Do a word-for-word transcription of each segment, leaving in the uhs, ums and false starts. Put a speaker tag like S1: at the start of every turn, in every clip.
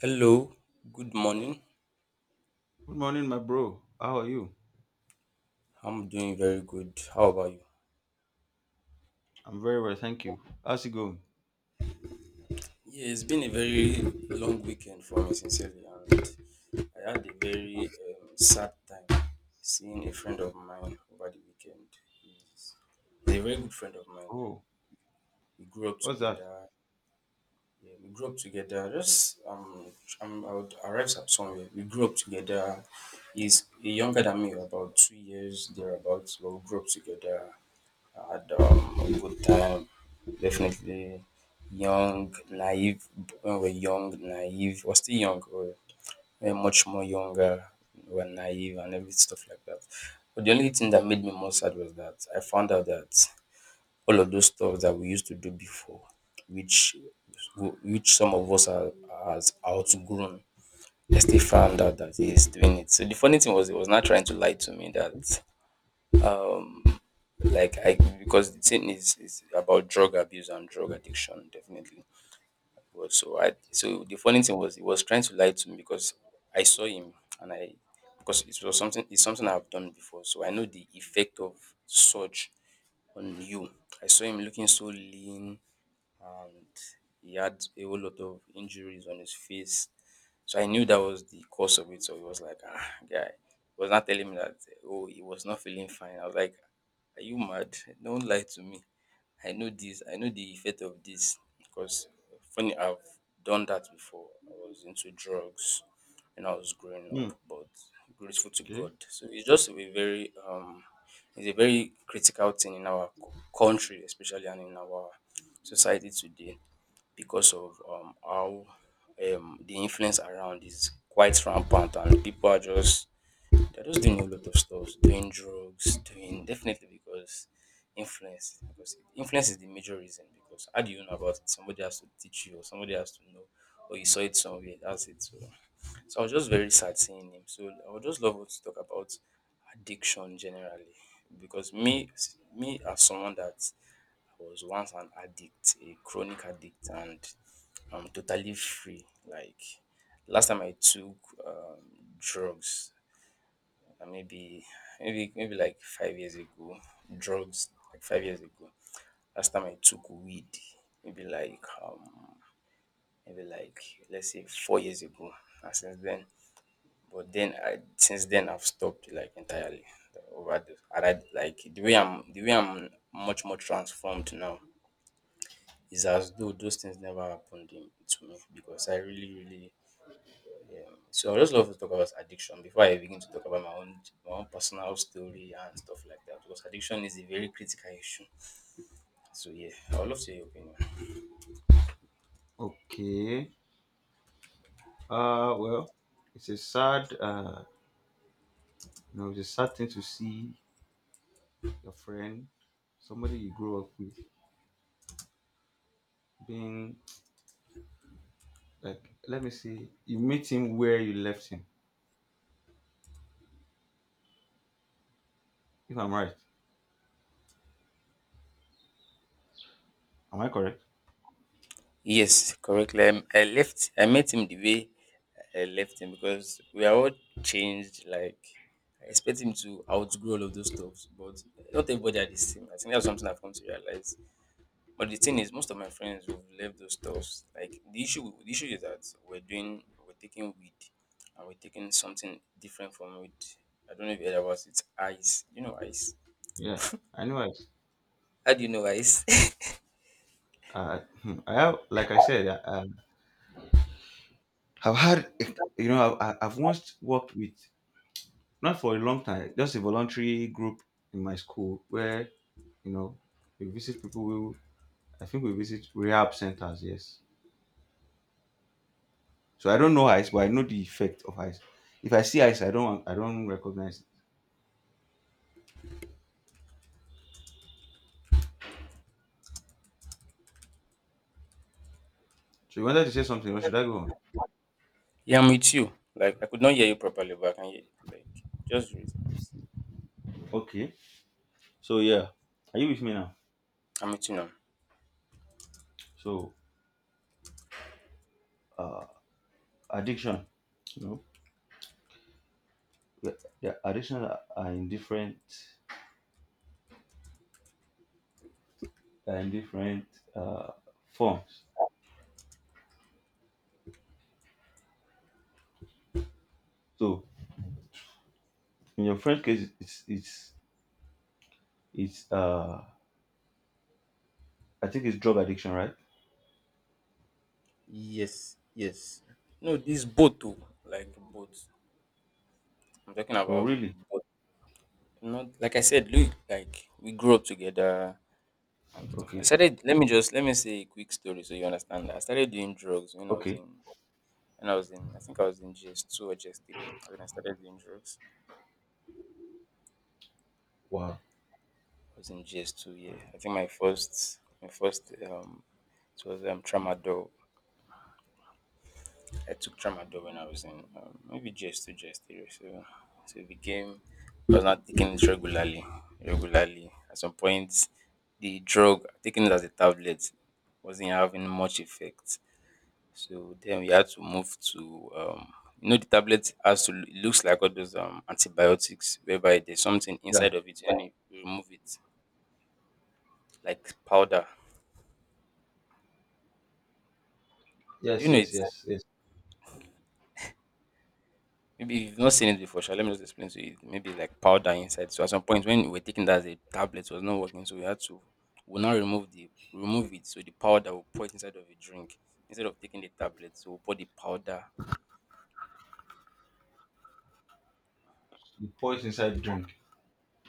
S1: Hello, good morning.
S2: Good morning, my bro. How are you?
S1: I'm doing very good. How about you?
S2: I'm very well, thank you. How's it going?
S1: Yeah, it's been a very long weekend for me, sincerely, and I had a very um, sad time seeing a friend of mine over the weekend. He's he's a very good friend of mine.
S2: Oh,
S1: We grew up
S2: what's that?
S1: together. Yeah, we grew up together. Just um, I'm, I would arrive at somewhere. We grew up together. He's younger than me, about two years thereabouts. But we grew up together. I had um, a good time. Definitely young, naive. When we're young, naive. We're still young. We're, we're much more younger. We're naive and every stuff like that. But the only thing that made me more sad was that I found out that all of those stuff that we used to do before, which which some of us are has outgrown. I still found out that he's doing it. So the funny thing was, he was not trying to lie to me that um, like I, because the thing is is about drug abuse and drug addiction definitely. But so I so the funny thing was he was trying to lie to me because I saw him and I, because it was something it's something I've done before. So I know the effect of such on you. I saw him looking so lean, and he had a whole lot of injuries on his face. So I knew that was the cause of it. So he was like, ah, guy. He was not telling me that, oh, he was not feeling fine. I was like, are you mad? Don't lie to me. I know this. I know the effect of this because funny, I've done that before. I was into drugs when I was growing
S2: Hmm.
S1: up, but grateful to God.
S2: Okay.
S1: So it's just a very um is a very critical thing in our co- country especially and in our society today because of um how um the influence around is quite rampant and people are just they're just doing a lot of stuff, doing drugs, doing definitely because influence. Because influence is the major reason. Because how do you know about it? Somebody has to teach you, or somebody has to know, or you saw it somewhere. That's it. So, so I was just very sad seeing him. So I would just love us to talk about addiction generally, because me, me as someone that was once an addict, a chronic addict, and I'm totally free. Like last time I took um, drugs, and maybe maybe maybe like five years ago, drugs like five years ago. Last time I took weed, maybe like um maybe like let's say four years ago. And since then, but then I since then I've stopped like entirely the- over the and I like the way I'm the way I'm much more transformed now is as though those things never happened in, to me because I really really. Yeah. So I just love to talk about addiction before I begin to talk about my own my own personal story and stuff like that because addiction is a very critical issue. So yeah, I would love to hear your opinion.
S2: Okay. Uh, well, it's a sad, uh, you know, it's a sad thing to see your friend, somebody you grew up with, being like, let me see, you meet him where you left him. If I'm right, am I correct?
S1: Yes, correctly. I, I left. I met him the way I left him because we are all changed. Like I expect him to outgrow all of those stuff, but not everybody are the same. I think that's something I've come to realize. But the thing is, most of my friends who've left those stuffs, like the issue, the issue is that we're doing, we're taking weed, and we're taking something different from it. I don't know if you heard about it. It's Ice, you know ice.
S2: Yeah, I know it.
S1: How do you know ice?
S2: Uh, hmm, I have, like I said, I, I- I've had, you know, I, I- I've once worked with, not for a long time, just a voluntary group in my school where, you know, we visit people who I think we visit rehab centers, yes. So I don't know ice, but I know the effect of ice. If I see ice, I don't I don't recognize it. So you wanted to say something, or should I go on?
S1: Yeah, I'm with you. Like I could not hear you properly, but I can hear like just read it.
S2: Okay. So, yeah. Are you with me now?
S1: I'm with you now.
S2: So, uh addiction. You know, yeah, yeah, addiction are are in different are in different uh forms. So in your friend's case, it's it's it's uh I think it's drug addiction, right?
S1: No, this boat too. Like boat. I'm talking
S2: Oh,
S1: about
S2: really?
S1: boat. Not like I said, look, like we grew up together and stuff. I
S2: Okay.
S1: started. Let me just let me say a quick story so you understand. I started doing drugs when I was
S2: Okay.
S1: in when I was in I think I was in G S two or G S three when I started doing drugs.
S2: Wow.
S1: I was in G S two. Yeah, I think my first my first um it was um tramadol. I took tramadol when I was in um, maybe G S two G S three. So so it became I was not taking it regularly regularly. At some point, the drug taking it as a tablet wasn't having much effect. So then we had to move to um you know the tablet has to loo- it looks like all those um antibiotics whereby there's something
S2: Yeah.
S1: inside of it and you you remove it like powder. Do you
S2: Yes,
S1: know
S2: yes,
S1: it?
S2: yes, yes.
S1: Maybe you've not seen it before, shall let me just explain to you. Maybe it's like powder inside. So at some point when we were taking that as a tablet it was not working, so we had to we now remove the remove it. So the powder will pour it inside of a drink. Instead of taking the tablet, so we'll pour the powder,
S2: You pour it pours inside drink.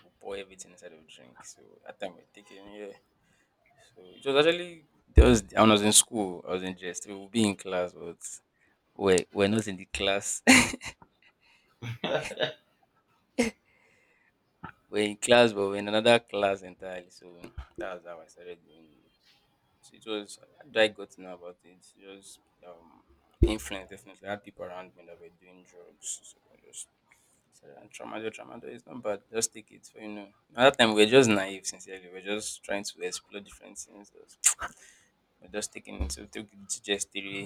S1: we'll pour everything inside of the drink. So at that time we're taking, yeah. So it was actually there was I was in school, I was in just we would be in class, but we're, we're not in the class. we're in class, but we're in another class entirely. So that was how I started doing it. So it was how did I got to know about it. It was um influence definitely. I had people around me that were doing drugs. So I just said and tramadol, tramadol is not bad. Just take it for you know. At that time we were just naive sincerely. We are just trying to explore different things. We're just taking it. So we took just theory.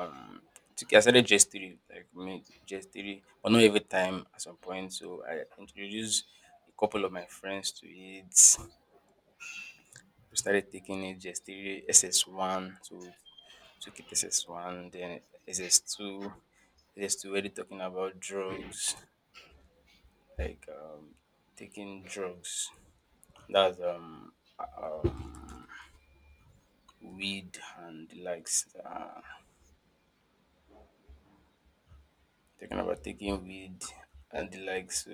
S1: Um, to- I started just three, like me just three, but not every time. At some point, so I introduced a couple of my friends to it. We started taking it just three, S S one, so took it SS one, then S S two, S S two. Already talking about drugs, like um, taking drugs. That's um, uh, um, weed and the likes. Uh, Talking about taking weed and the like, so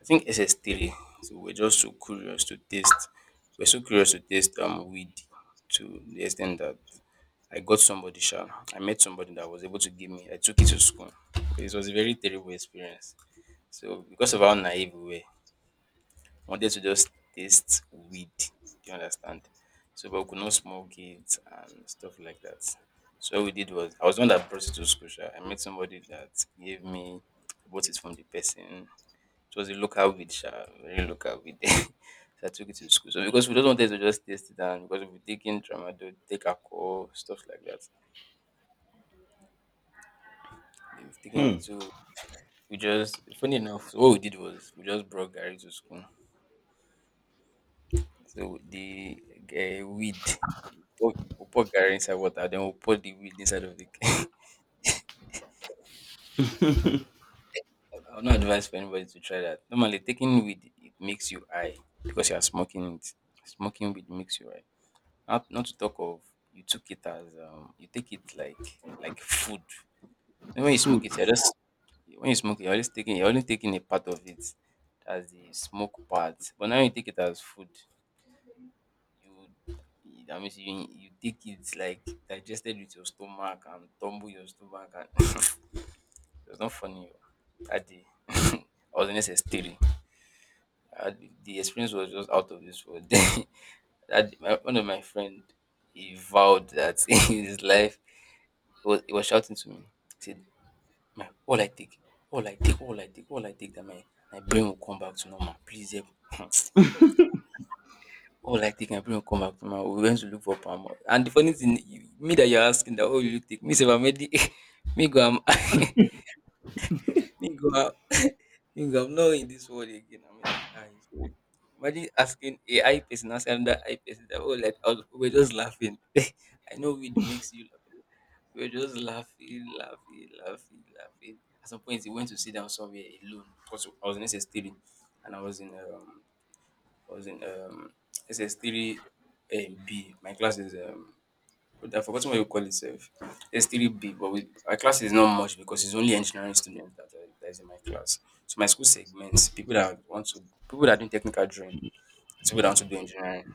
S1: I think S S three. So we're just so curious to taste. We're so curious to taste um weed to the extent that I got somebody sharp. I met somebody that was able to give me. I took it to school. It was a very terrible experience. So because of how naive we were, wanted to just taste weed. Do you understand? So, but we could not smoke it and stuff like that. So what we did was I was the one that brought it to school. Sha. I met somebody that gave me I bought it from the person. It was a local weed, sha, very local weed. so I took it to school. So because we don't want them to just taste it and because we've taken tramadol, take alcohol, stuff like that. We've taken
S2: Hmm.
S1: it to we just funny enough, so what we did was we just brought Gary to school. So the uh, weed, we'll put we'll put garri inside water, then we'll put the weed inside of the. I would not advise for anybody to try that. Normally, taking weed it makes you high because you are smoking it. Smoking weed makes you high. Not not to talk of you took it as um you take it like like food. And when you smoke
S2: Food.
S1: it, you're just when you smoke it, you're always taking you're only taking a part of it as the smoke part. But now you take it as food. You that means you you take it like digested with your stomach and tumble your stomach and it was not funny oh. That day I was in S S three uh, the experience was just out of this world. That day, my, one of my friend he vowed that in his life he was, he was shouting to me he said my all I take all I take all I take all I take that my my brain will come back to normal please help. Oh, like taking airplane come back from her. We went to look for palm oil. And the funny thing, you, me that you're asking that, oh, you take me, say, I'm already, me go, I'm, me go, I'm, me go, I'm not in this world again. I'm already, I, imagine asking A I person, asking another I person that, oh, like, I was, we're just laughing. I know weed makes you laugh. We're just laughing, laughing, laughing, laughing. At some point, he went to sit down somewhere alone because I was in S S three, and I was in um, I was in um S S three um, B. My class is um but I forgot what you call it self. S three B, but we, my class is not much because it's only engineering students that, are, that is in my class. So my school segments people that want to people that do technical drawing, people that want to do engineering.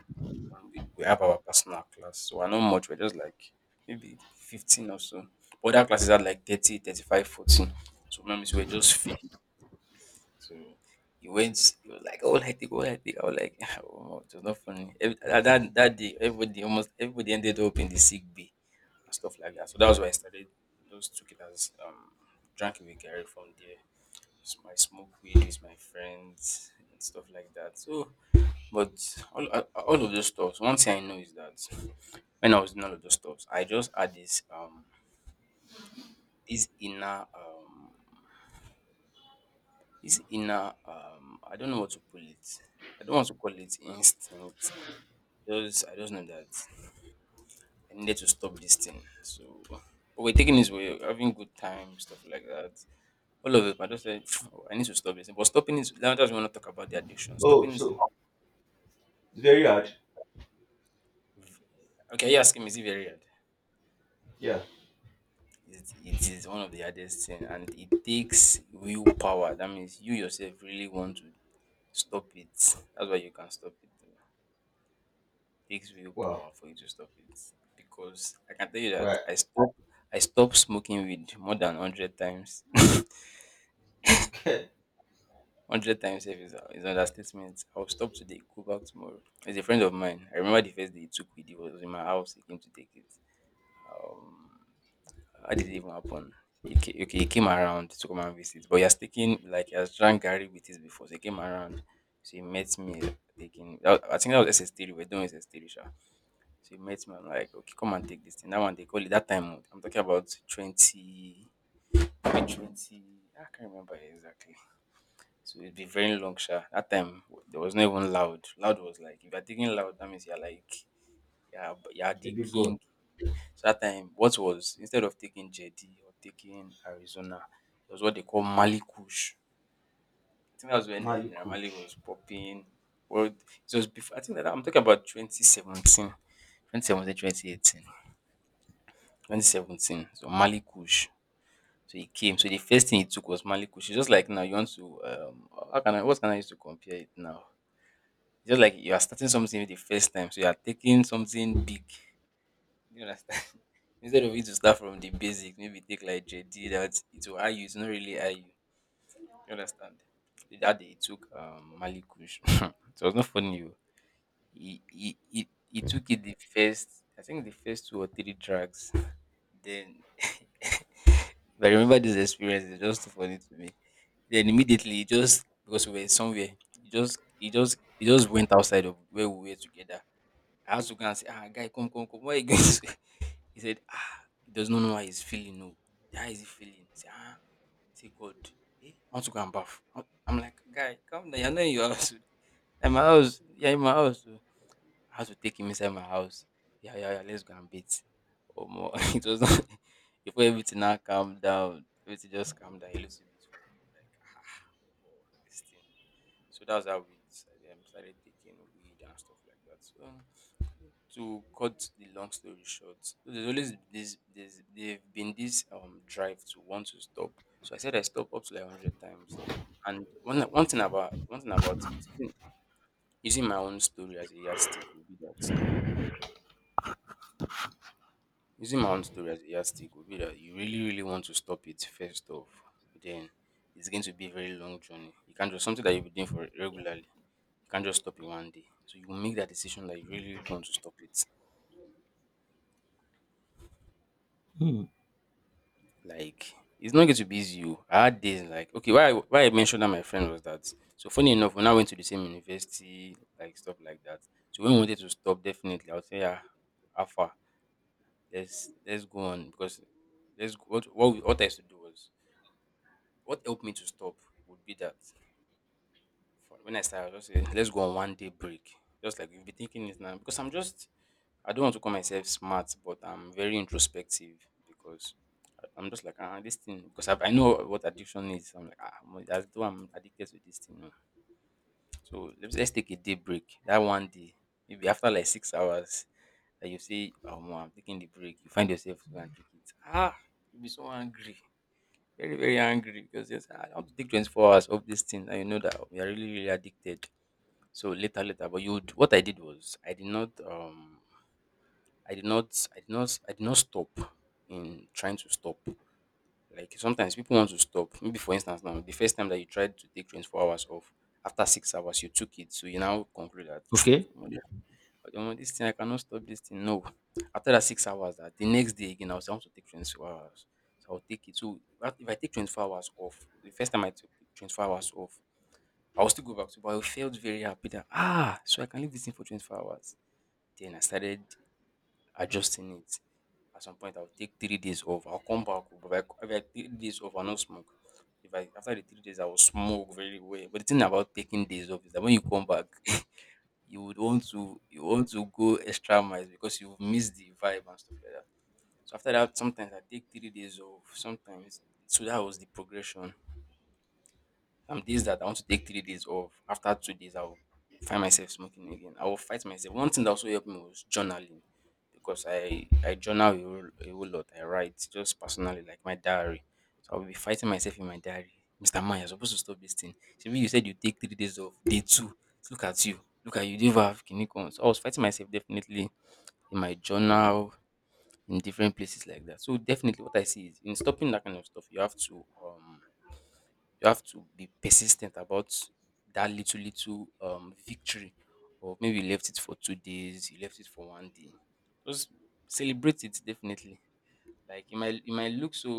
S1: And we, we have our personal class, so we're not much. We're just like maybe fifteen or so. Other classes had like thirty thirty five fourteen. So remember, so we're just few. So he went, he was like, "Oh, I take, oh, I take." I was like, oh, it was not funny. Every, uh, that that day, everybody almost everybody ended up in the sick bay and stuff like that. So that was why I started. Those took it as um, drank it with Gary from there. It's my smoke weed with my friends and stuff like that. So, but all uh, all of those stuff. One thing I know is that when I was in all of those stuff, I just had this um this inner um This inner, um, I don't know what to call it. I don't want to call it instinct. Just, I just know that I needed to stop this thing. So, but we're taking this way, having good time, stuff like that. All of it, but I just said, "Oh, I need to stop this. But stopping is, now that we want to talk about the addiction.
S2: Oh,
S1: Stopping is,
S2: so it's very hard.
S1: okay, you're asking me, is it very hard?
S2: Yeah.
S1: It, it is one of the hardest thing, and it takes willpower. That means you yourself really want to stop it. That's why you can stop it. Takes real
S2: Wow.
S1: power for you to stop it. Because I can tell you that
S2: Well,
S1: I stop I stopped smoking weed more than hundred times.
S2: a
S1: Hundred times sef is, is an understatement. I'll stop today, go back tomorrow. There's a friend of mine. I remember the first day he took weed, he was in my house, he came to take it. Um how did it even happen? He came, okay, he came around to come and visit, but he has taken like he has drank Gary with it before. So he came around, so he met me taking. I I think that was S S three. We're doing S S three, sha. So he met me. I'm like, okay, come and take this thing. That one they call it that time. I'm talking about twenty, maybe twenty. I can't remember exactly. So it'd be very long sha. That time there was not even loud. Loud was like if you're taking loud, that means you're like yeah, you're the
S2: big boy.
S1: king. So that time what was instead of taking J D or taking Arizona, it was what they call Mali Kush. I think that was when uh, Naira Marley
S2: Malikush.
S1: was popping. Well, it was before I think that I'm talking about twenty seventeen. twenty seventeen, twenty eighteen. two thousand seventeen, so Mali Kush. So he came. So the first thing he took was Mali Kush. It's just like now you want to um how can I what can I use to compare it now? It's just like you are starting something the first time, so you are taking something big. You understand? Instead of you to start from the basics, maybe take like J D that it will hire you, it's not really hire you. You understand? So that day he took um Mali Kush. So it was not funny you. He, he he he took it the first I think the first two or three tracks. Then if I remember this experience, it's just too funny to me. Then immediately he just because we were somewhere, he just he just he just went outside of where we were together. I had to go and say, ah guy, come, come, come. Where you going? He said, ah, he does not know how he's feeling. No, how is he feeling? Say, ah, say God. Eh? I want to go and bath. I'm I'm like, guy, come down. You're not in your house. I'm my house. You're in my house. Oh." I had to take him inside my house. Yeah, yeah, yeah, let's go and beat. Or more, it was not before everything now calm down. Everything just calm down a little bit for him. Like, ah, omo, this thing. So that's how we started, um, started taking weed and stuff like that. So um, to cut the long story short, there's always this, there's, they have been this um drive to want to stop. So I said I stopped up to like hundred times. And one one thing about one thing about it, using using my own story as a yardstick would be that Using my own story as a yardstick would be that you really, really want to stop it first off. Then it's going to be a very long journey. You can't just something that you've been doing for regularly. You can't just stop it one day. So you will make that decision that you really, really want to stop it.
S2: Hmm.
S1: Like it's not going to be easy. Oh. I had days like okay, why I- why I mentioned that my friend was that. So funny enough, when I went to the same university, like stuff like that. So when we wanted to stop, definitely I would say yeah, Alpha, let's let's go on because let's go- what what, we, what I used to do was what helped me to stop would be that for- when I started, I was just say, let's go on one day break. Just like you've been thinking it now. Because I'm just, I don't want to call myself smart, but I'm very introspective because I- I'm just like, ah, this thing, because I, I know what addiction is. I'm like, ah, I'm- as though I'm addicted to this thing. No." So let's, let's take a day break. That one day, maybe after like six hours, that you say, oh, I'm taking the break, you find yourself going and take it. Ah, you'll be so angry. Very very angry because yes, I have to take twenty-four hours of this thing and you know that we are really really addicted. So later later, but you would- what I did was I did not um I did not I did not I did not stop in trying to stop. Like sometimes people want to stop. Maybe for instance now the first time that you tried to take twenty-four hours off, after six hours you took it, so you now conclude that
S2: Okay.
S1: omo this thing I cannot stop this thing no. After that six hours, um de next day again, I was I want to take twenty-four hours. So I will take it. So that- if I take twenty-four hours off, the first time I took twenty-four hours off, I will still go back to, but I felt very happy that ah, so I can leave this thing for twenty-four hours. Then I started adjusting it. At some point I will take three days off. I will come back oh, but if I if I take three days off I no smoke. If I after the three days I will smoke very well, but the thing about taking days off is that when you come back you would want to you want to go extra miles because you've missed the vibe and stuff like that. So after that, sometimes I take three days off. Sometimes, so that was the progression. Some days that I want to take three days off, after two days, I'll find myself smoking again. I will fight myself. One thing that also helped me was journaling because I, I journal a whole, a whole lot. I write just personally, like my diary. So I'll be fighting myself in my diary. Mister Man, you're supposed to stop this thing. Maybe you said you take three days off, day two. Look at you. Look at you. You don't even have kinikon. So I was fighting myself definitely in my journal, in different places like that. So definitely what I see is in stopping that kind of stuff, you have to um you have to be persistent about that little, little um victory, or maybe you left it for two days, you left it for one day. Just celebrate it definitely. Like it might it might look so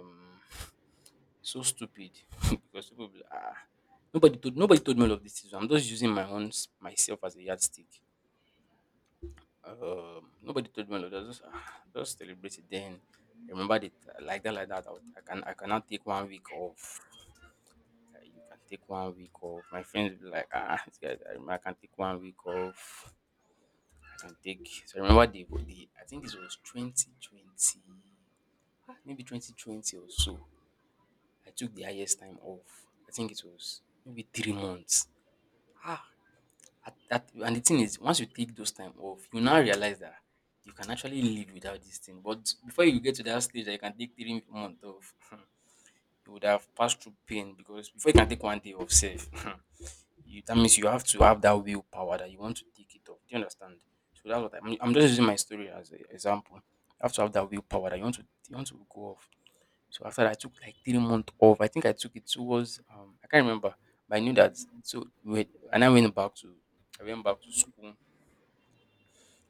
S1: um so stupid because people will be like, ah, nobody told nobody told me all of this. I'm just using my own s- myself as a yardstick. Um, nobody told me all of that. Just, ah, just celebrate it. Then remember that like that, like that. I, would- I can I cannot take one week off, uh, you can take one week off. My friends will be like, "Ah, this guy, I, remember I can take one week off. I can take." So I remember the, the I think this was twenty twenty, maybe twenty twenty or so. I took the highest time off. I think it was maybe three months. Ah, at, at, and the thing is, once you take those time off, you now realize that you can actually live without this thing. But before you get to that stage, that you can take three months off. You would have passed through pain because before you can take one day off, safe. You, that means you have to have that willpower that you want to take it off. Do you understand? So that's what I mean. I'm just using my story as an example. You have to have that willpower that you want to you want to go off. So after that, I took like three months off. I think I took it towards um I can't remember, but I knew that. So we- and I went back to I went back to school.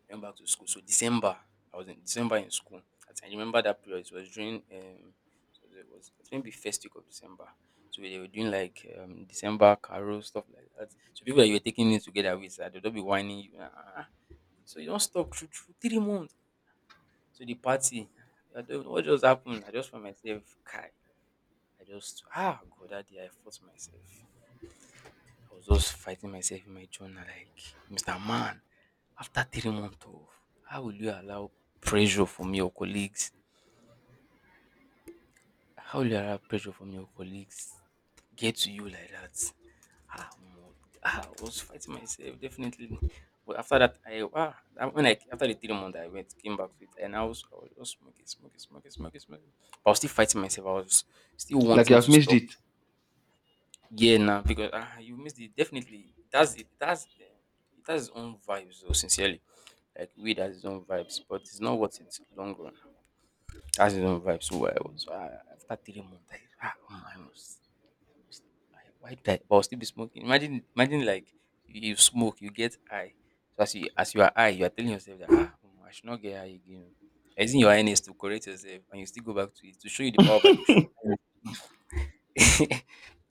S1: Went back to school. So December, I was in December in school. I remember that period. It was during um, so it was I think the first week of December. So they were doing like um December carol stuff like that. So people that you were taking it together with, uh, they'll be whining you. "Ah, ah, ah." So you don't stop through, through three months. So the party, I don't know what just happened. I just found myself, Kai. I just ah God, that day I fought myself. I was just fighting myself in my journal, like Mister Man. After three months of how will you allow pressure from your colleagues? How will you allow pressure from your colleagues get to you like that? Ah, omo, ah, I was fighting myself definitely. But after that, I ah, that- when I after the three months, I went came back to it, and I was I was just smoking, smoking, smoking, smoking, smoking. But I was still fighting myself. I was still
S2: Like you
S1: wanting
S2: have
S1: to
S2: missed
S1: stop.
S2: it.
S1: Yeah, now because ah, you missed it. Definitely, that's it. That's um, it has its own vibes though. Sincerely, like weed has its own vibes, but it's not worth it long run. I just don't vibe. So well. So, I was uh, after three months. I, ah, oh my, I must, I must. I, why did I? But I'll still be smoking. Imagine, imagine like you smoke, you get high. So as you as you are high, you are telling yourself that ah, oh my, I should not get high again. You're using your highness to correct yourself, and you still go back to it to show you the power of addiction.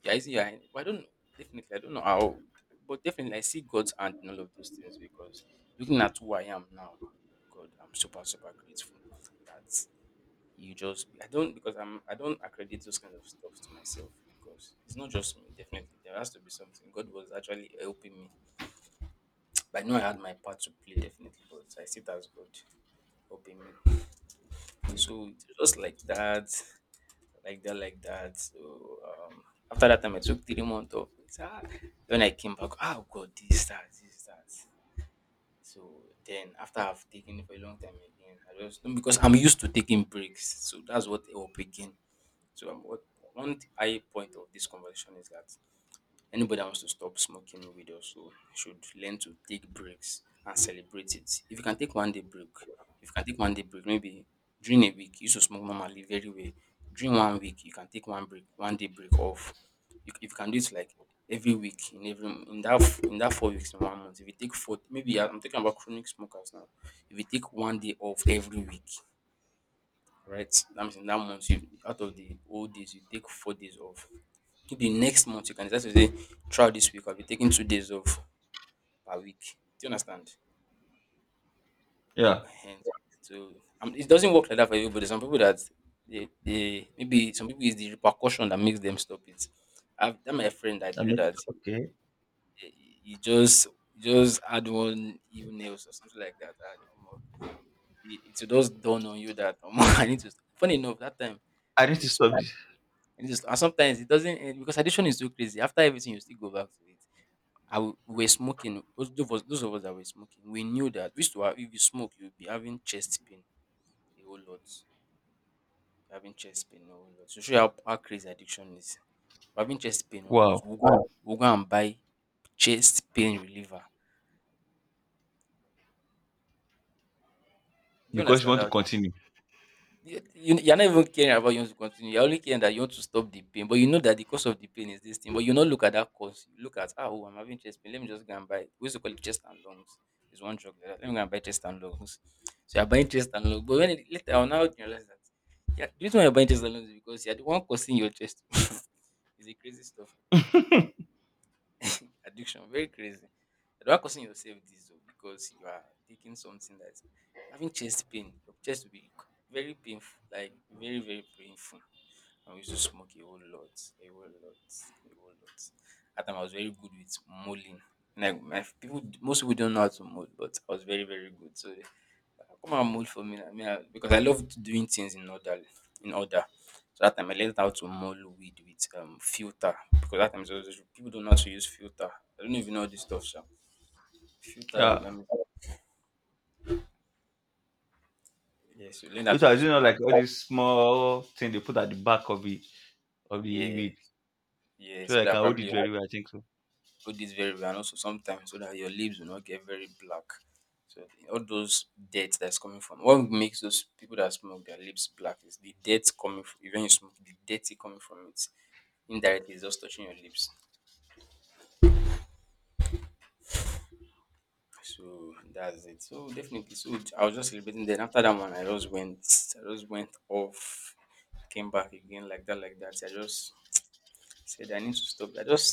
S1: Yeah, are using your highness. But I don't know. Definitely, I don't know how. But definitely, I see God's hand in all of those things because looking at who I am now, God, I'm super super grateful that you just I don't because I'm I don't accredit those kind of stuff to myself because it's not just me, definitely. There has to be something. God was actually helping me. But I know I had my part to play definitely, but I see it as God helping me. So it's just like that, like that, like that. So um after that time I took three months off. It's, ah, when I came back, ah, oh god, this that, this that. So then after I've taken it for a long time again, I just because I'm used to taking breaks. So that's what helped again. So um, what one th- high point of this conversation is that anybody that wants to stop smoking weed also should learn to take breaks and celebrate it. If you can take one day break, if you can take one day break, maybe during a week you used to smoke normally very well. During one week you can take one break, one day break off. You, if you can do it like every week in every in that f- in that four weeks in one month. If you take four, maybe I'm talking about chronic smokers now. If you take one day off every week, right? That means in that month, you out of the whole days, you take four days off. If the next month you can decide to say, throughout this week, I'll be taking two days off per week. Do you understand?
S2: Yeah.
S1: Ehen. So um, it doesn't work like that for everybody. Some people that they, they maybe some people is the repercussion that makes them stop it. I've that my friend I
S2: I
S1: told you
S2: missed
S1: that
S2: it. Okay.
S1: eh, he just he just had one evil nails or something like that. And, um, it, it will just dawn on you that um, I need to. Funny enough, that time
S2: I need
S1: we
S2: to stop this.
S1: and just and sometimes it doesn't eh, because addiction is so crazy. After everything, you still go back to it. I w- we were smoking. Those those of us, those of us that were smoking, we knew that we used to have, if you smoke, you'll be having chest pain a whole lot. Having chest pain a whole lot. So show you how, how crazy addiction is. We're having chest pain a whole lot.
S2: Wow.
S1: We'll go, we'll go and buy chest pain reliever. Do you
S2: Because you
S1: understand
S2: want to
S1: that?
S2: continue.
S1: You you you're not even caring about you want to continue. You're only caring that you want to stop the pain, but you know that the cause of the pain is this thing. But you not look at that cause. You look at ah, oh, I'm having chest pain. Let me just go and buy. We used to call it chest and lungs. It's one drug like that. Let me go and buy chest and lungs. So you're buying chest and lungs, but when it, later on now you realize that yeah, the reason why you're buying chest and lungs is because you're the one causing your chest. It's a crazy stuff. Addiction, very crazy. You're the one causing yourself this though, because you are taking something that's you're having chest pain. Your chest will be very painful, like very, very painful. I used to smoke a whole lot, a whole lot, a whole lot. At time I was very good with mulling. Like my people, most people don't know how to mold, but I was very, very good. So come and mold for me na me I because I love doing things in order. In order. So that time I learned how to mold weed with um filter because that time so so so, people don't know how to use filter. I don't even know all this stuff sha. Filter
S2: Yeah.
S1: um, yes, you learn how to
S2: Filter is,
S1: use
S2: you
S1: it.
S2: know like all this small thing they put at the back of the of
S1: Yeah.
S2: the weed.
S1: Yes. Yes,
S2: So
S1: so
S2: I
S1: that
S2: can hold
S1: probably
S2: it
S1: you
S2: very well, I think so.
S1: do this very well and also sometimes so that your lips will not get very black. So all those dirt that's coming from what makes those people that smoke their lips black is the dirt coming from even you smoke the dirty coming from it indirectly is just touching your lips. So that's it. So definitely, so I was just celebrating. Then after that one, I just went, I just went off, came back again like that, like that. I just said I need to stop. I just,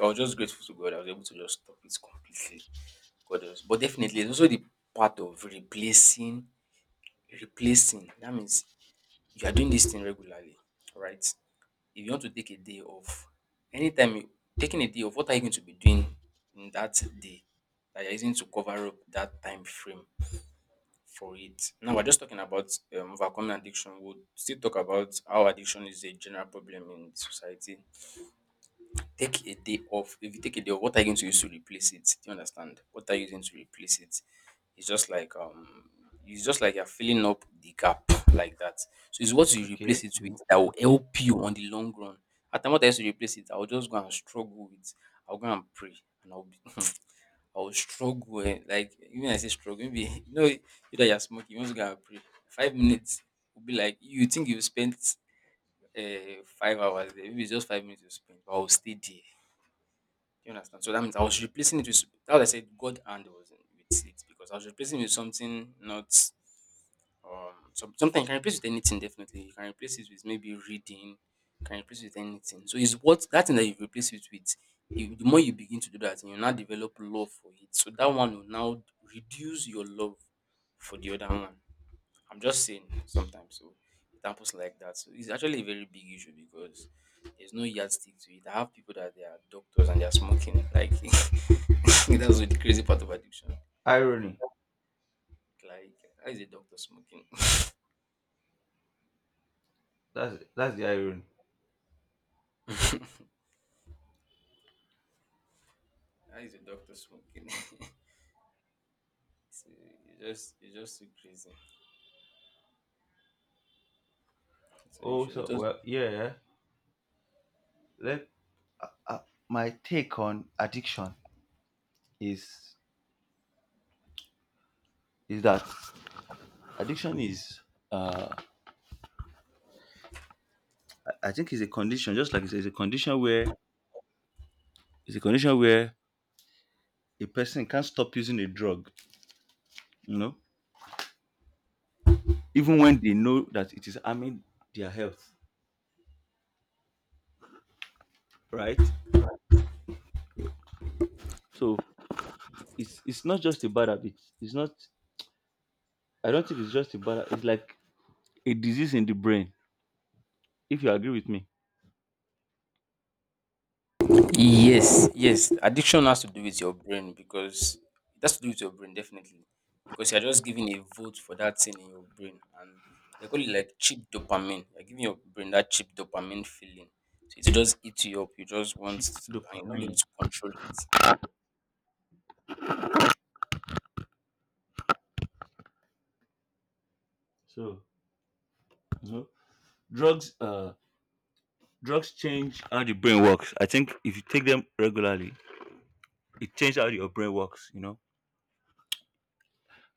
S1: I was just grateful to God. I was able to just stop it completely. God knows. But definitely, it's also the part of replacing, replacing. That means you are doing this thing regularly, right? If you want to take a day off, anytime you taking a day off, what are you going to be doing in that day that you're using to cover up that time frame for it? Now we're just talking about um, overcoming addiction. We'll still talk about how addiction is a general problem in society. Take a day off. If you take a day off, what are you going to use to replace it? Do you understand? What are you using to replace it? It's just like um it's just like you're filling up the gap like that. So it's what you
S2: Okay.
S1: replace it with
S2: v-
S1: that will
S2: Okay.
S1: help you on the long run. At the time what I used to replace it, I'll just go and struggle with I'll go and pray and I'll be I'll struggle eh, like even I say struggle, maybe you know you that you're smoking, you want to go and pray. Five minutes will be like you think you've spent uh, five hours there, maybe it's just five minutes you spent, but I'll stay there do you understand? So that means I was replacing it with that's why I said God hand was in with it because I was replacing it with something not um some, something you can replace with anything definitely. You can replace it with maybe reading, you can replace it with anything. So it's what that thing that you replace it with, you, the more you begin to do that, you now develop love for it. So that one will now reduce your love for the other one. I'm just saying sometimes so examples like that. So it's actually a very big issue because there's no yardstick to it. I have people that they are doctors and they're smoking. Like that's the crazy part of addiction.
S2: Irony.
S1: Like how is a doctor smoking?
S2: That's that's the irony.
S1: How is a doctor smoking? So it's just it's just too crazy. So you
S2: Oh,
S1: should
S2: so,
S1: just
S2: well, yeah, yeah. Let uh, my take on addiction is is that addiction is uh I I think, it's a condition, just like it's, it's a condition where it's a condition where a person can't stop using a drug, you know, even when they know that it is harming their health, right? So it's it's not just a bad habit. It's not. I don't think it's just a bad. It's like a disease in the brain. If you agree with me.
S1: Yes, yes. Addiction has to do with your brain because it has to do with your brain definitely. Because you're just giving a vote for that thing in your brain and they call it like cheap dopamine. You're giving your brain that cheap dopamine feeling. So it just eats you up. You just want to
S2: Cheap
S1: and you're not be able
S2: dopamine.
S1: to control it.
S2: So, you know, drugs uh drugs change how the brain works. I think if you take them regularly, it changes how your brain works. You know,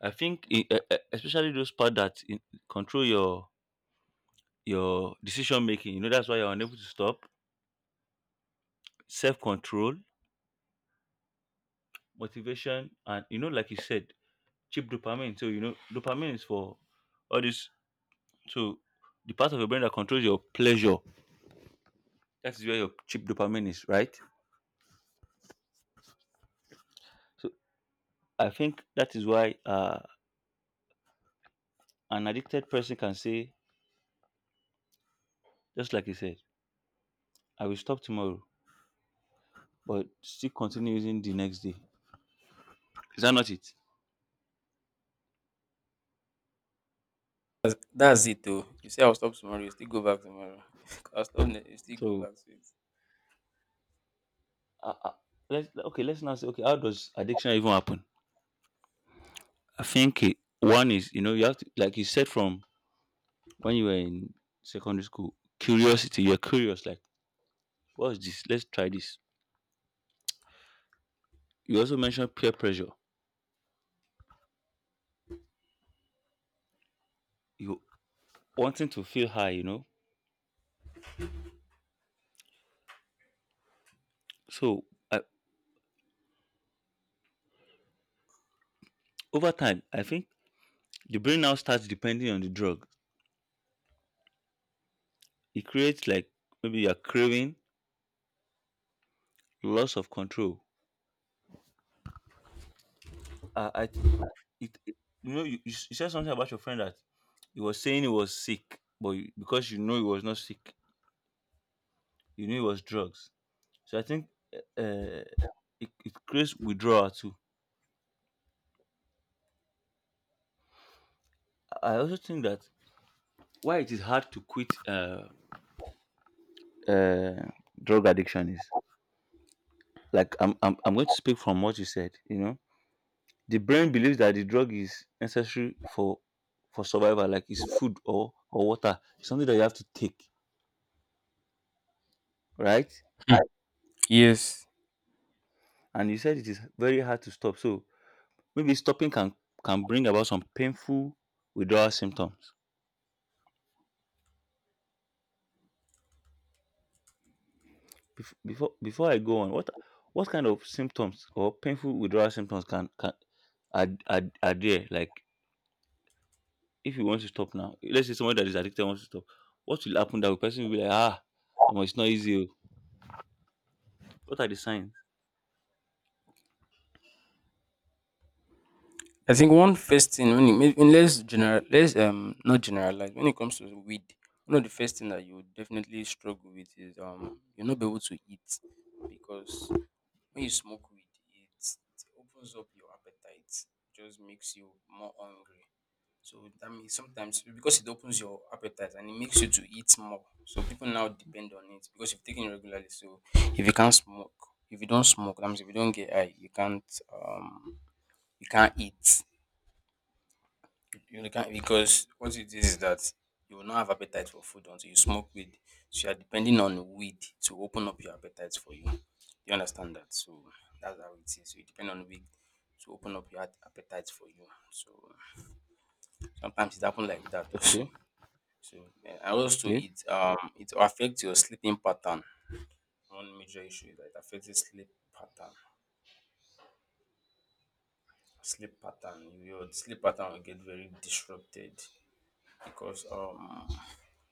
S2: I think, e- e- e- especially those part that in, control your your decision making. You know, that's why you're unable to stop. Self control, motivation, and you know, like you said, cheap dopamine. So, you know, dopamine is for all this. So the part of your brain that controls your pleasure. That is where your cheap dopamine is, right? So I think that is why uh an addicted person can say, just like you said, I will stop tomorrow, but still continue using the next day. Is that not it?
S1: That's, that's it though. You say I'll stop tomorrow, you still go back tomorrow. I'll stop ne- you still go
S2: So,
S1: back to it.
S2: uh, uh, let's okay. Let's now say, okay, how does addiction even happen? I think it, one is, you know, you have to, like you said, from when you were in secondary school, curiosity. You're curious, like, what's this? Let's try this. You also mentioned peer pressure. You wanting to feel high, you know. So I, over time, I think the brain now starts depending on the drug. It creates, like, maybe you're craving loss of control. Uh, I th- it, it- you know you, you s- you said something about your friend that he was saying he was sick, but you, because you know he was not sick, you knew it was drugs. So I think uh, it, it creates withdrawal too. I also think that why it is hard to quit uh, uh, drug addiction is like I'm, I'm I'm going to speak from what you said. You know, the brain believes that the drug is necessary for for survival, like it's food or or water, something that you have to take, right?
S1: Yes.
S2: And you said it is very hard to stop. So maybe stopping can can bring about some painful withdrawal symptoms. Bef- Before before I go on, what what kind of symptoms or painful withdrawal symptoms can can are, are, are there? Like, if you want to stop now, let's say someone that is addicted wants to stop, what will happen? That the person will be like, ah, omo, it's not easy. Oh. What are the signs?
S1: I think one first thing when it may- when let's general let's um not generalize when it comes to weed, one of the first thing that you would definitely struggle with is um you'll not be able to eat because when you smoke weed it opens up your appetite, just makes you more hungry. So that means sometimes because it opens your appetite and it makes you to eat more. So people now depend on it because you've taken it regularly. So if you can't smoke, if you don't smoke, that means if you don't get high, you can't um you can't eat. You can because what it is is that you will not have appetite for food until you smoke weed. So you are depending on weed to open up your appetite for you. You understand that? So that's how it is. So you depend on weed to open up your appetite for you. So sometimes it happens like that also.
S2: Okay.
S1: So yeah, and also
S2: Yeah.
S1: it um it affects your sleeping pattern. One major issue is that it affects your sleep pattern. Sleep pattern. Your sleep pattern will get very disrupted because um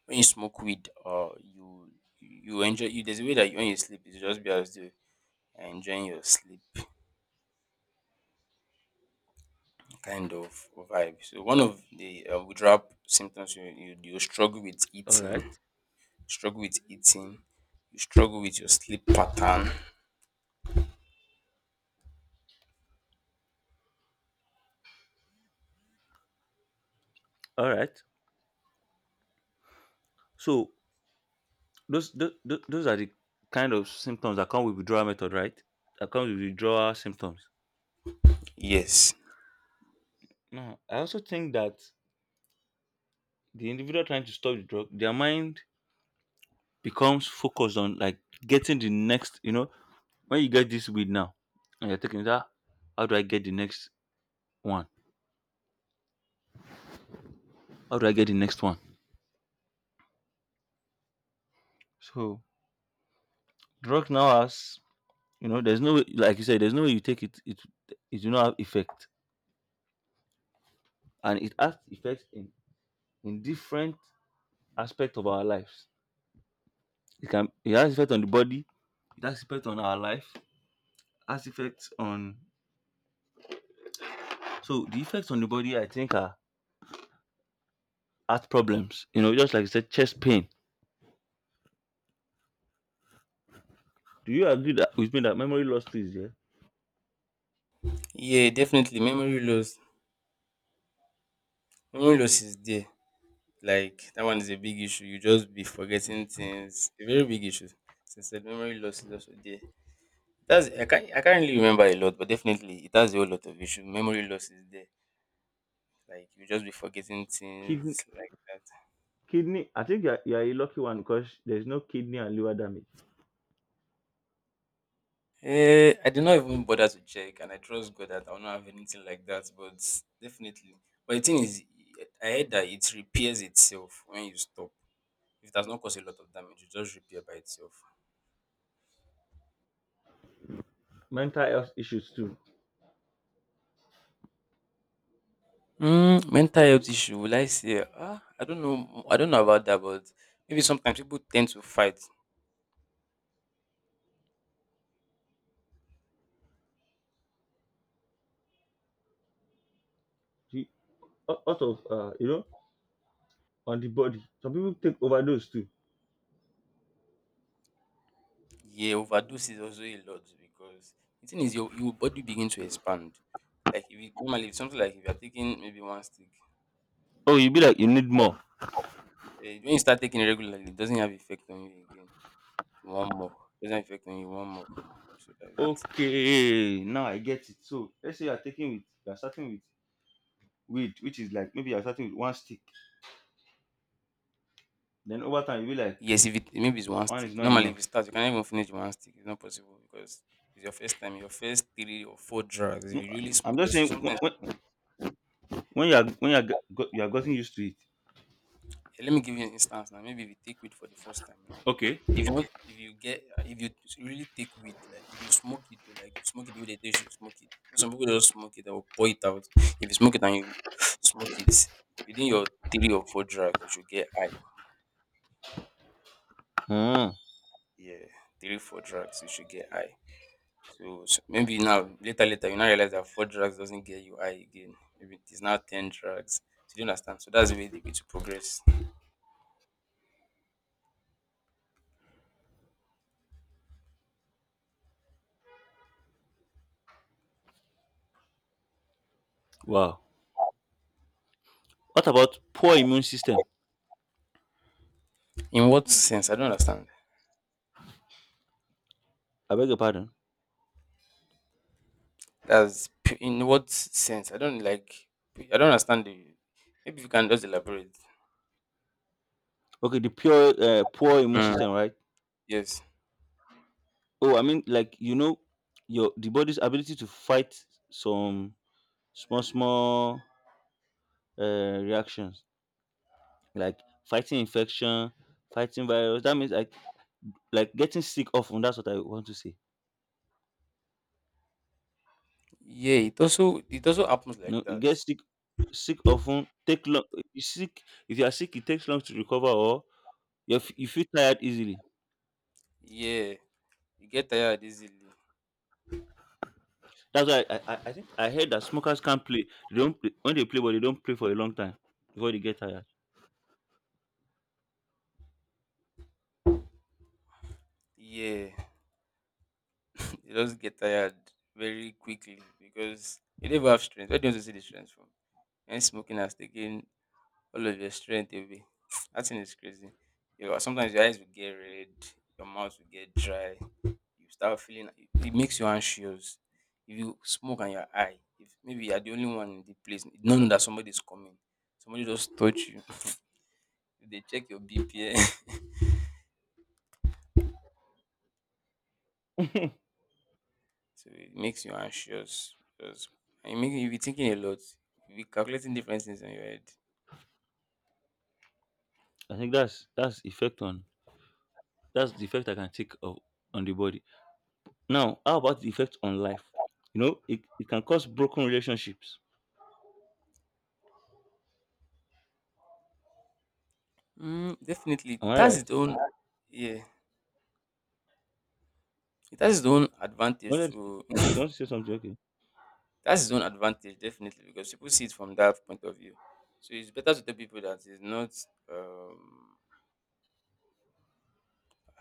S1: when you smoke weed or you you enjoy you there's a way that when you sleep it's just be as though you're enjoying your sleep kind of vibe, so one of the uh, withdrawal symptoms, you, you you struggle with
S2: All
S1: eating,
S2: right.
S1: struggle with eating you struggle with your sleep pattern.
S2: All right. So those those those are the kind of symptoms that come with withdrawal method, right? That comes with withdrawal symptoms.
S1: Yes.
S2: Now, I also think that the individual trying to stop the drug, their mind becomes focused on, like, getting the next, you know, when you get this weed now and you're taking that, how do I get the next one? How do I get the next one? So, drug now has you know, there's no way, like you said, there's no way you take it, it it do not have effect. And it has effect in, in different aspects of our lives. It can it has effect on the body, it has effect on our life, has effects on so the effects on the body, I think, are heart problems. You know, just like you said, chest pain. Do you agree that with me that memory loss is there?
S1: Yeah, definitely memory loss, memory loss is there. Like that one is a big issue, you just be forgetting things. A very big issue, since the memory loss is also there. That's, I can't I can't really remember a lot, but definitely it has a whole lot of issue. Memory loss is there. Like you just be forgetting things
S2: Kidney,
S1: like that.
S2: kidney. I think you're, you're a lucky one because there's no kidney and liver damage.
S1: Eh, I did not even bother to check, and I trust God that I will not have anything like that. But definitely, but the thing is, I heard that it repairs itself when you stop. If it does not cause a lot of damage, it just repair by itself.
S2: Mental health issues too.
S1: Mm, mental health issue. Will I say? Ah, I don't know. I don't know about that, but maybe sometimes people tend to fight.
S2: See, a lot of uh, you know, on the body. Some people take overdose too.
S1: Yeah, overdose is also a lot because the thing is your your body begin to expand. Like if you normally, if something, like if you're taking maybe one stick,
S2: Oh, you be like you need more.
S1: eh, when you start taking it regularly, it doesn't have effect on you again. One more. Doesn't have effect on you one more. So that's it.
S2: Okay, now I get it. So let's say you're taking with you're starting with weed, which is like maybe you're starting with one stick. Then over time you be like,
S1: Yes, if it maybe it's one
S2: one is
S1: stick.
S2: not
S1: Normally if you
S2: enough.
S1: start, you can't even finish one stick. It's not possible because it's your first time, your first three or four drugs. If
S2: No,
S1: you really
S2: I'm
S1: smoke
S2: just
S1: because
S2: saying when,
S1: sometimes
S2: when when you are when you are, go- you are getting used to it.
S1: Eh, let me give you an instance now. Maybe if you take weed for the first time now,
S2: Okay.
S1: if you want, if you get, if you really take weed, like if you smoke it, like you smoke it the way they tell you should smoke it. Some people don't smoke it, they will pour it out. If you smoke it and you smoke it within your three or four drugs, you should get high.
S2: Hmm.
S1: Yeah, three four drugs, you should get high. So, so maybe now later later you now realize that four drugs doesn't get you high again. Maybe it is now ten drugs. So you don't understand. So that's the way, they way to progress.
S2: Wow. What about poor immune system?
S1: In what sense? I don't understand.
S2: I beg your pardon.
S1: That's p- in what sense? I don't like. I don't understand the. Maybe you can just elaborate.
S2: Okay, the pure uh, poor immune
S1: Mm.
S2: system, right?
S1: Yes.
S2: Oh, I mean, like, you know, your the body's ability to fight some small small uh, reactions, like fighting infection, fighting virus. That means, like like getting sick often. That's what I want to say.
S1: Yeah. It also it also happens
S2: You
S1: like
S2: know, you
S1: that.
S2: get sick sick often. Take long. You sick, if you are sick, it takes long to recover, or you f- you feel tired easily.
S1: Yeah. You get tired easily.
S2: That's why I, I, I think I heard that smokers can't play. They don't play, when they play, but they don't play for a long time before they get tired.
S1: Yeah. You just get tired very quickly because you never have strength. Where do you want to see the strength from? And smoking has taken all of your strength away. That thing is crazy. You know, sometimes your eyes will get red, your mouth will get dry. You start feeling like, it makes you anxious. If you smoke and you're high, if maybe you're the only one in the place, none that somebody's coming, somebody just touch you. They check your B P M, so it makes you anxious. Because and it make you be thinking a lot. You be calculating different things in your head.
S2: I think that's that's effect on that's the effect I can take of on the body. Now, how about the effect on life? You know, it, it can cause broken relationships.
S1: Mm, definitely,
S2: Am
S1: it
S2: I
S1: has
S2: right?
S1: its own. Yeah, it has its own
S2: You
S1: advantage
S2: want to
S1: to.
S2: you want to say something? Okay.
S1: It has its own advantage definitely because people see it from that point of view. So it's better to tell people that it's not. Um,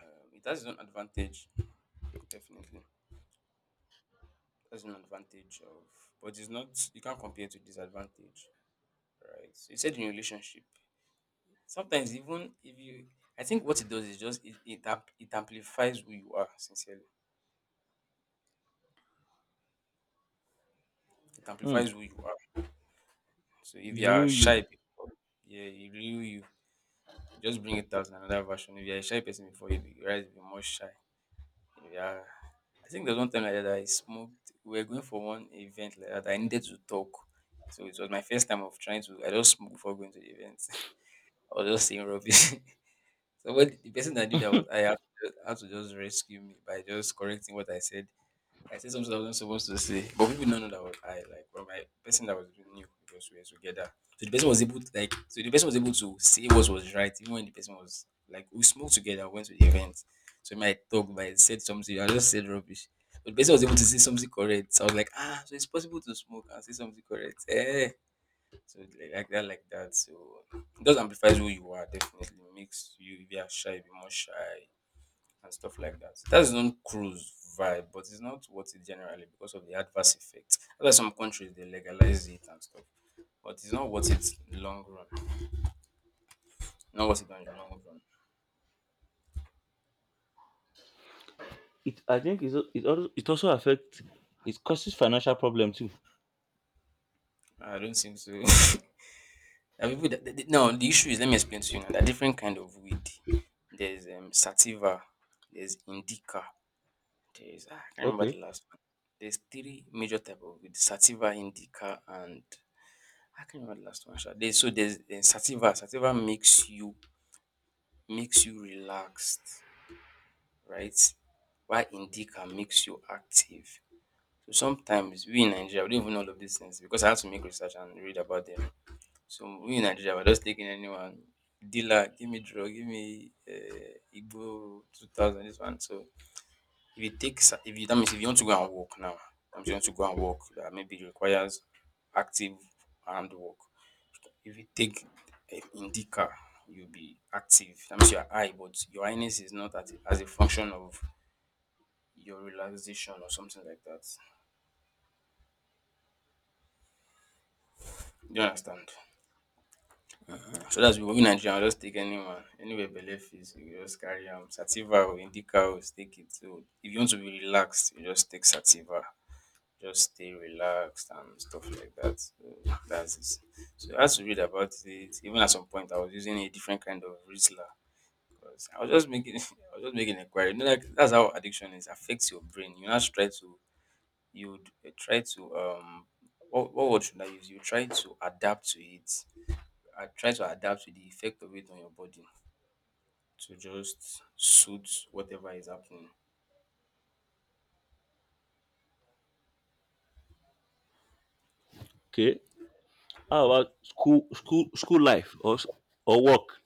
S1: um, it has its own advantage. Definitely. That's an advantage of, but it's not, you can't compare to disadvantage, right? So you said in a relationship. Sometimes even if you, I think what it does is just it it, amp- it amplifies who you are, sincerely. It
S2: Hmm.
S1: amplifies who you are. So if you are
S2: Drill you.
S1: shy people, yeah, you you, you just bring it out in another version. If you're a shy person before, you be- you realize you're more shy. Yeah, I think there's one time like that I smoked. We were going for one event like that. I needed to talk. So it was my first time of trying to, I just smoked before going to the event. I was just saying rubbish. So when the person that knew that was I, had to, just, had to just rescue me by just correcting what I said. I said something I wasn't supposed to say, but people don't know that was I. Like, well, my person that was doing knew because we were together. So the person was able to, like, so the person was able to say what was right, even when the person was like, we smoked together, went to the event. So my talk, but I said something, I just said rubbish. But the person was able to say something correct. So I was like, ah, so it's possible to smoke and say something correct. Eh. So like like that, like that. So it just amplifies who you are. Definitely makes you, if you are shy, be more shy and stuff like that. So, that's not cruise vibe, but it's not what it generally, because of the adverse effect. That's why some countries they legalize it and stuff, but it's not what it's long run. Not what it on the long run.
S2: It I think it's, al- it also it also affects it causes financial problem too.
S1: I don't think so. There are people that, that- no, the issue is, let me explain to you now. There are different kind of weed. There's um sativa, there's indica, there's ah, I can't remember the
S2: Okay.
S1: last one. There's three major type of weed: sativa, indica, and I can't remember the last one. Sha. There's, so there's eh, sativa. Sativa makes you makes you relaxed, right? While indica makes you active. So sometimes we in Nigeria we don't even know all of these things because I had to make research and read about them. So we in Nigeria we're just taking anyone, dealer, give me drug, give me uh, Igbo two thousand this one. So if you take sa if you that means if you want to go and walk now, if you want to go and walk, that maybe requires active hand work. If you take um, Indica, you'll be active. That means your eye, but your highness is not at as a function of your relaxation or something like that. Do you understand? So that's, we Nigeria we just take anyone, anywhere belle fits you just carry am. Sativa or Indica o, just take it. So if you want to be relaxed, you just take Sativa. Just stay relaxed and stuff like that. So that's it. So I had to read about it. Even at some point, I was using a different kind of Rizla. 'Cause I was just making, I was just making a query. You know, like that's how addiction is, affects your brain. You now try to, you would uh, try to, um, what, what word should I use? You try to adapt to it. I try to adapt to the effect of it on your body to just suit whatever is happening.
S2: Okay. How about school school school life or s- or work?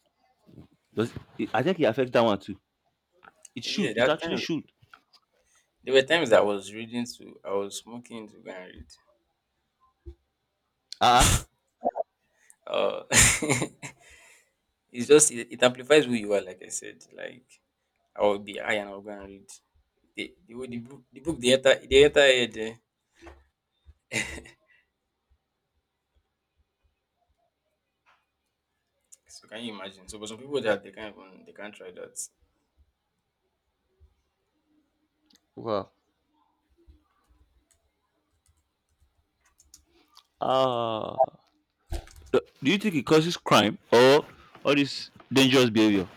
S2: Does it, I think it affects that one too. It
S1: Yeah,
S2: should.
S1: there
S2: It
S1: are
S2: actually
S1: times.
S2: should.
S1: There were times I was reading to, I was smoking to go and read.
S2: Ah,
S1: Uh, it's just it, it amplifies who you are. Like I said, like I will be high and I'll go and read the the, way the book. The book they enter they enter head. Eh. So can you imagine? So, but some people that they can't even they can't try that.
S2: well, Ah, do do you think it causes crime or all this dangerous behavior?